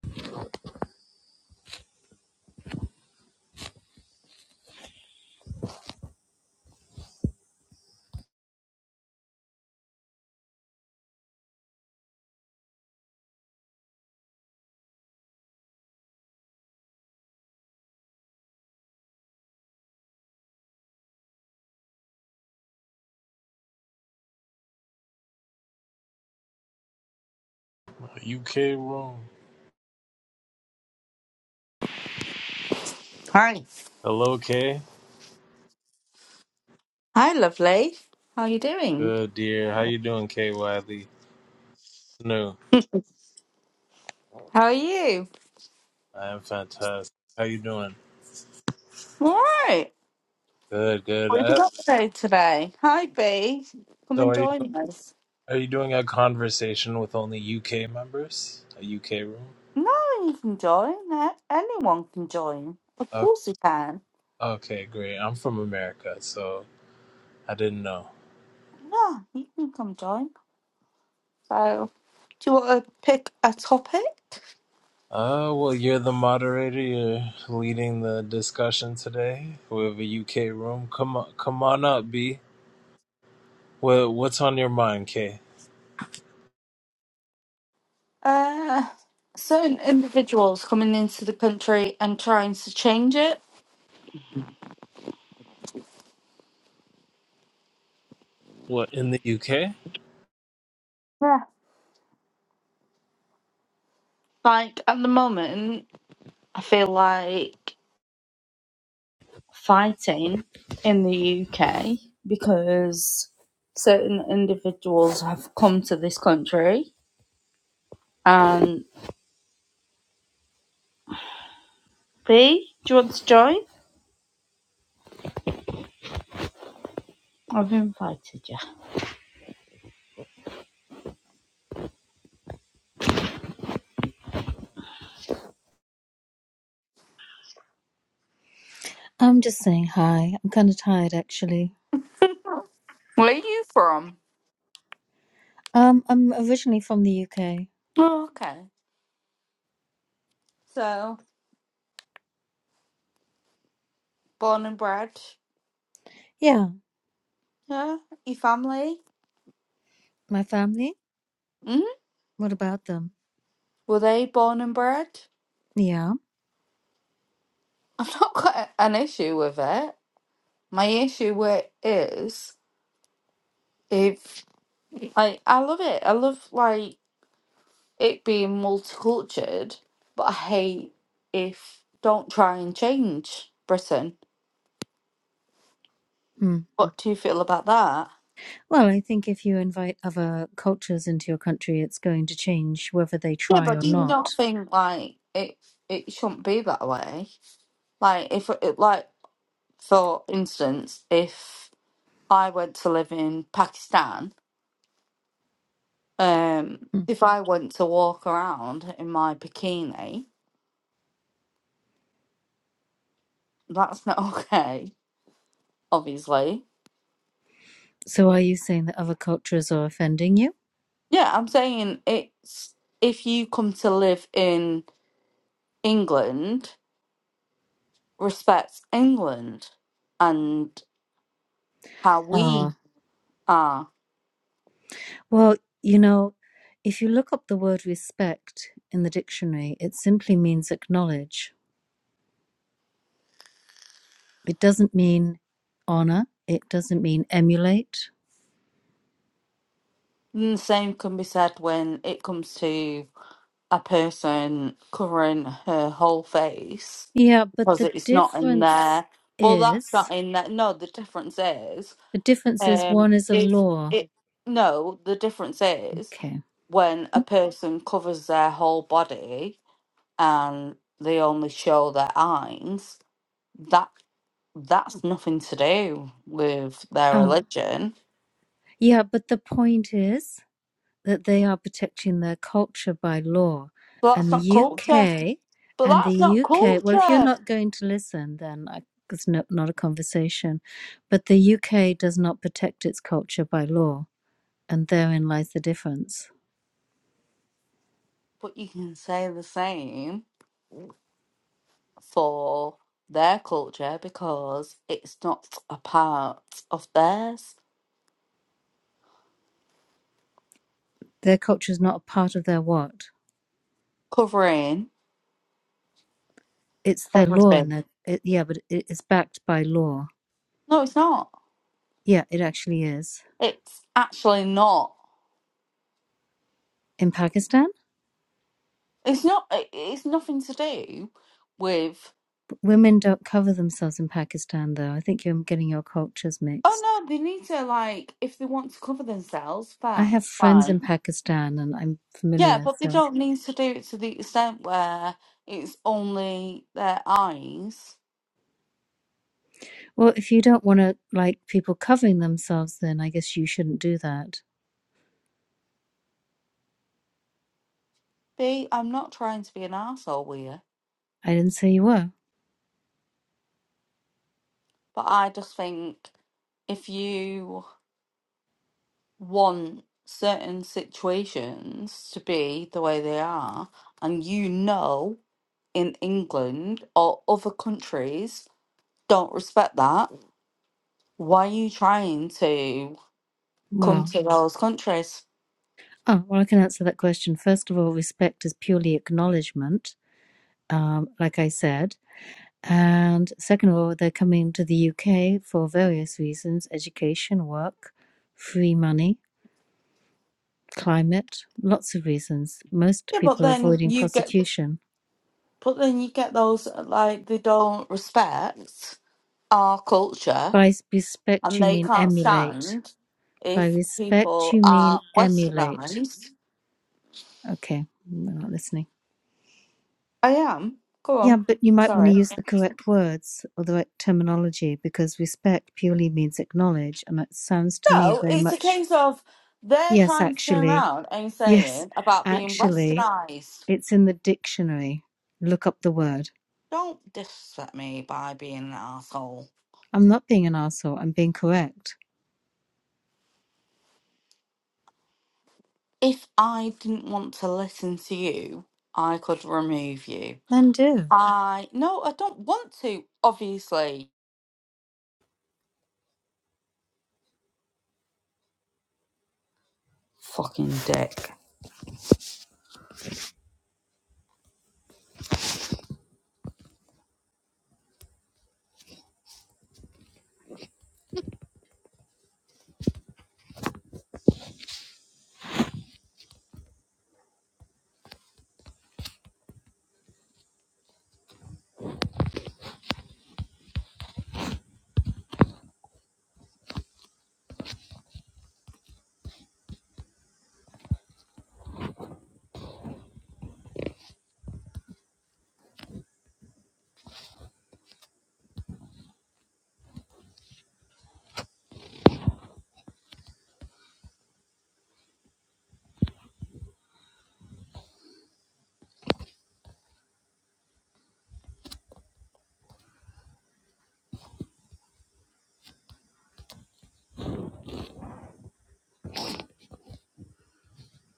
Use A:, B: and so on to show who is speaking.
A: You K Room.
B: Hi.
A: Hello K.
B: Hi, lovely. How are you doing?
A: Good dear. How you doing, K Wiley? No,
B: How are you?
A: I am fantastic. How you doing?
B: All right.
A: Good, good.
B: What have you
A: Uh,
B: got to do today? Hi, B. Come
A: so
B: and
A: are you
B: join us.
A: are you doing a conversation with only UK members? A UK room?
B: No, you can join. No, Anyone can join. Of
A: Okay,
B: course you can.
A: okay, great. I'm from America, so I didn't know.
B: No, you can come join. So, do you want to pick a topic?
A: Uh, well, you're the moderator. You're leading the discussion today. We have a UK room. Come on, come on up, B. What what's on your mind, K?
B: Uh, certain individuals coming into the country and trying to change it.
A: What in the UK?
B: Yeah. Like, at the moment, I feel like fighting in the UK because certain individuals have come to this country. And B, do you want to join? I've invited you.
C: I'm just saying hi. I'm kind of tired actually.
B: Where are you from?
C: Um, I'm originally from the UK.
B: Oh, okay. So, born and bred,
C: Yeah.
B: yeah? Your family?
C: My family?
B: hmm
C: What about them?
B: Were they born and bred?
C: Yeah.
B: I've not got a- an issue with it. My issue with it is if I I love it. I love like it being multicultured, but I hate if don't try and change Britain.
C: Hmm.
B: What do you feel about that?
C: Well, I think if you invite other cultures into your country, it's going to change whether they
B: Yeah,
C: try
B: but
C: or
B: do you
C: not.
B: not think like it it shouldn't be that way? Like if it, like for instance, if I went to live in Pakistan, um,
C: Hmm.
B: if I went to walk around in my bikini, that's not okay, obviously.
C: So are you saying that other cultures are offending you?
B: Yeah, I'm saying it's if you come to live in England respects England and how we
C: Ah.
B: are.
C: Well, you know, if you look up the word respect in the dictionary, it simply means acknowledge. It doesn't mean honor. It doesn't mean emulate.
B: And the same can be said when it comes to a person covering her whole face
C: Yeah, but
B: because
C: the
B: it's not in
C: difference
B: there. Well, that's not
C: is
B: in there. No, the difference is,
C: the difference is
B: um,
C: one is a
B: it's
C: law.
B: it. No, the difference is
C: Okay.
B: when a person covers their whole body and they only show their eyes. That. that's nothing to do with their
C: Oh,
B: religion.
C: yeah, but the point is that they are protecting their culture by law,
B: But
C: and
B: that's not
C: the
B: culture.
C: UK
B: But
C: and
B: that's
C: the
B: not
C: UK. Well, if you're
B: culture.
C: not going to listen, then I, it's no, not a conversation. But the UK does not protect its culture by law, and therein lies the difference.
B: But you can say the same for their culture because it's not a part of theirs.
C: Their culture is not a part of their what.
B: Covering
C: It's their law, and
B: everything.
C: their it, yeah, but it, it's backed by law.
B: No, it's not.
C: Yeah, it actually is.
B: It's actually not.
C: In Pakistan,
B: It's not. it- It's nothing to do with.
C: women don't cover themselves in Pakistan, though. I think you're getting your cultures
B: Oh
C: mixed.
B: no, they need to like if they want to cover themselves,
C: I
B: fine,
C: have
B: fine.
C: friends in Pakistan and I'm
B: Yeah,
C: familiar,
B: but they
C: so.
B: don't need to do it to the extent where it's only their eyes.
C: Well, if you don't want to like people covering themselves, then I guess you shouldn't do that.
B: B, I'm not trying to be an arsehole here,
C: I didn't say you were.
B: but I just think if you want certain situations to be the way they are, and you know in England or other countries don't respect that, why are you trying to come
C: Well,
B: to those countries?
C: oh, well, I can answer that question. First of all, respect is purely acknowledgement, um, like I said. And second of all, they're coming to the UK for various reasons education, work, free money climate, lots of reasons. Most
B: Yeah, but
C: people are
B: then
C: avoiding
B: you get
C: prosecution.
B: But then you get those that, are like they don't respect our culture
C: By respect,
B: and
C: you
B: they
C: mean
B: can't
C: emulate.
B: stand
C: By
B: if
C: respect,
B: people
C: you mean
B: are
C: emulate.
B: westernized.
C: Okay, we're not listening.
B: I am. Go
C: Yeah,
B: on.
C: but you might want to
B: Sorry.
C: use the correct words or the right terminology because respect purely means acknowledge, and it sounds to me
B: No,
C: very
B: it's a
C: much,
B: case of they're
C: yes,
B: trying to turn
C: actually,
B: around and
C: yes,
B: saying about being
C: actually,
B: westernized.
C: it's in the dictionary. Look up the word.
B: Don't disrespect me by being an asshole.
C: I'm not being an arsehole. I'm being correct.
B: If I didn't want to listen to you, I could remove you.
C: Then do.
B: I no, I don't want to, obviously. fucking dick.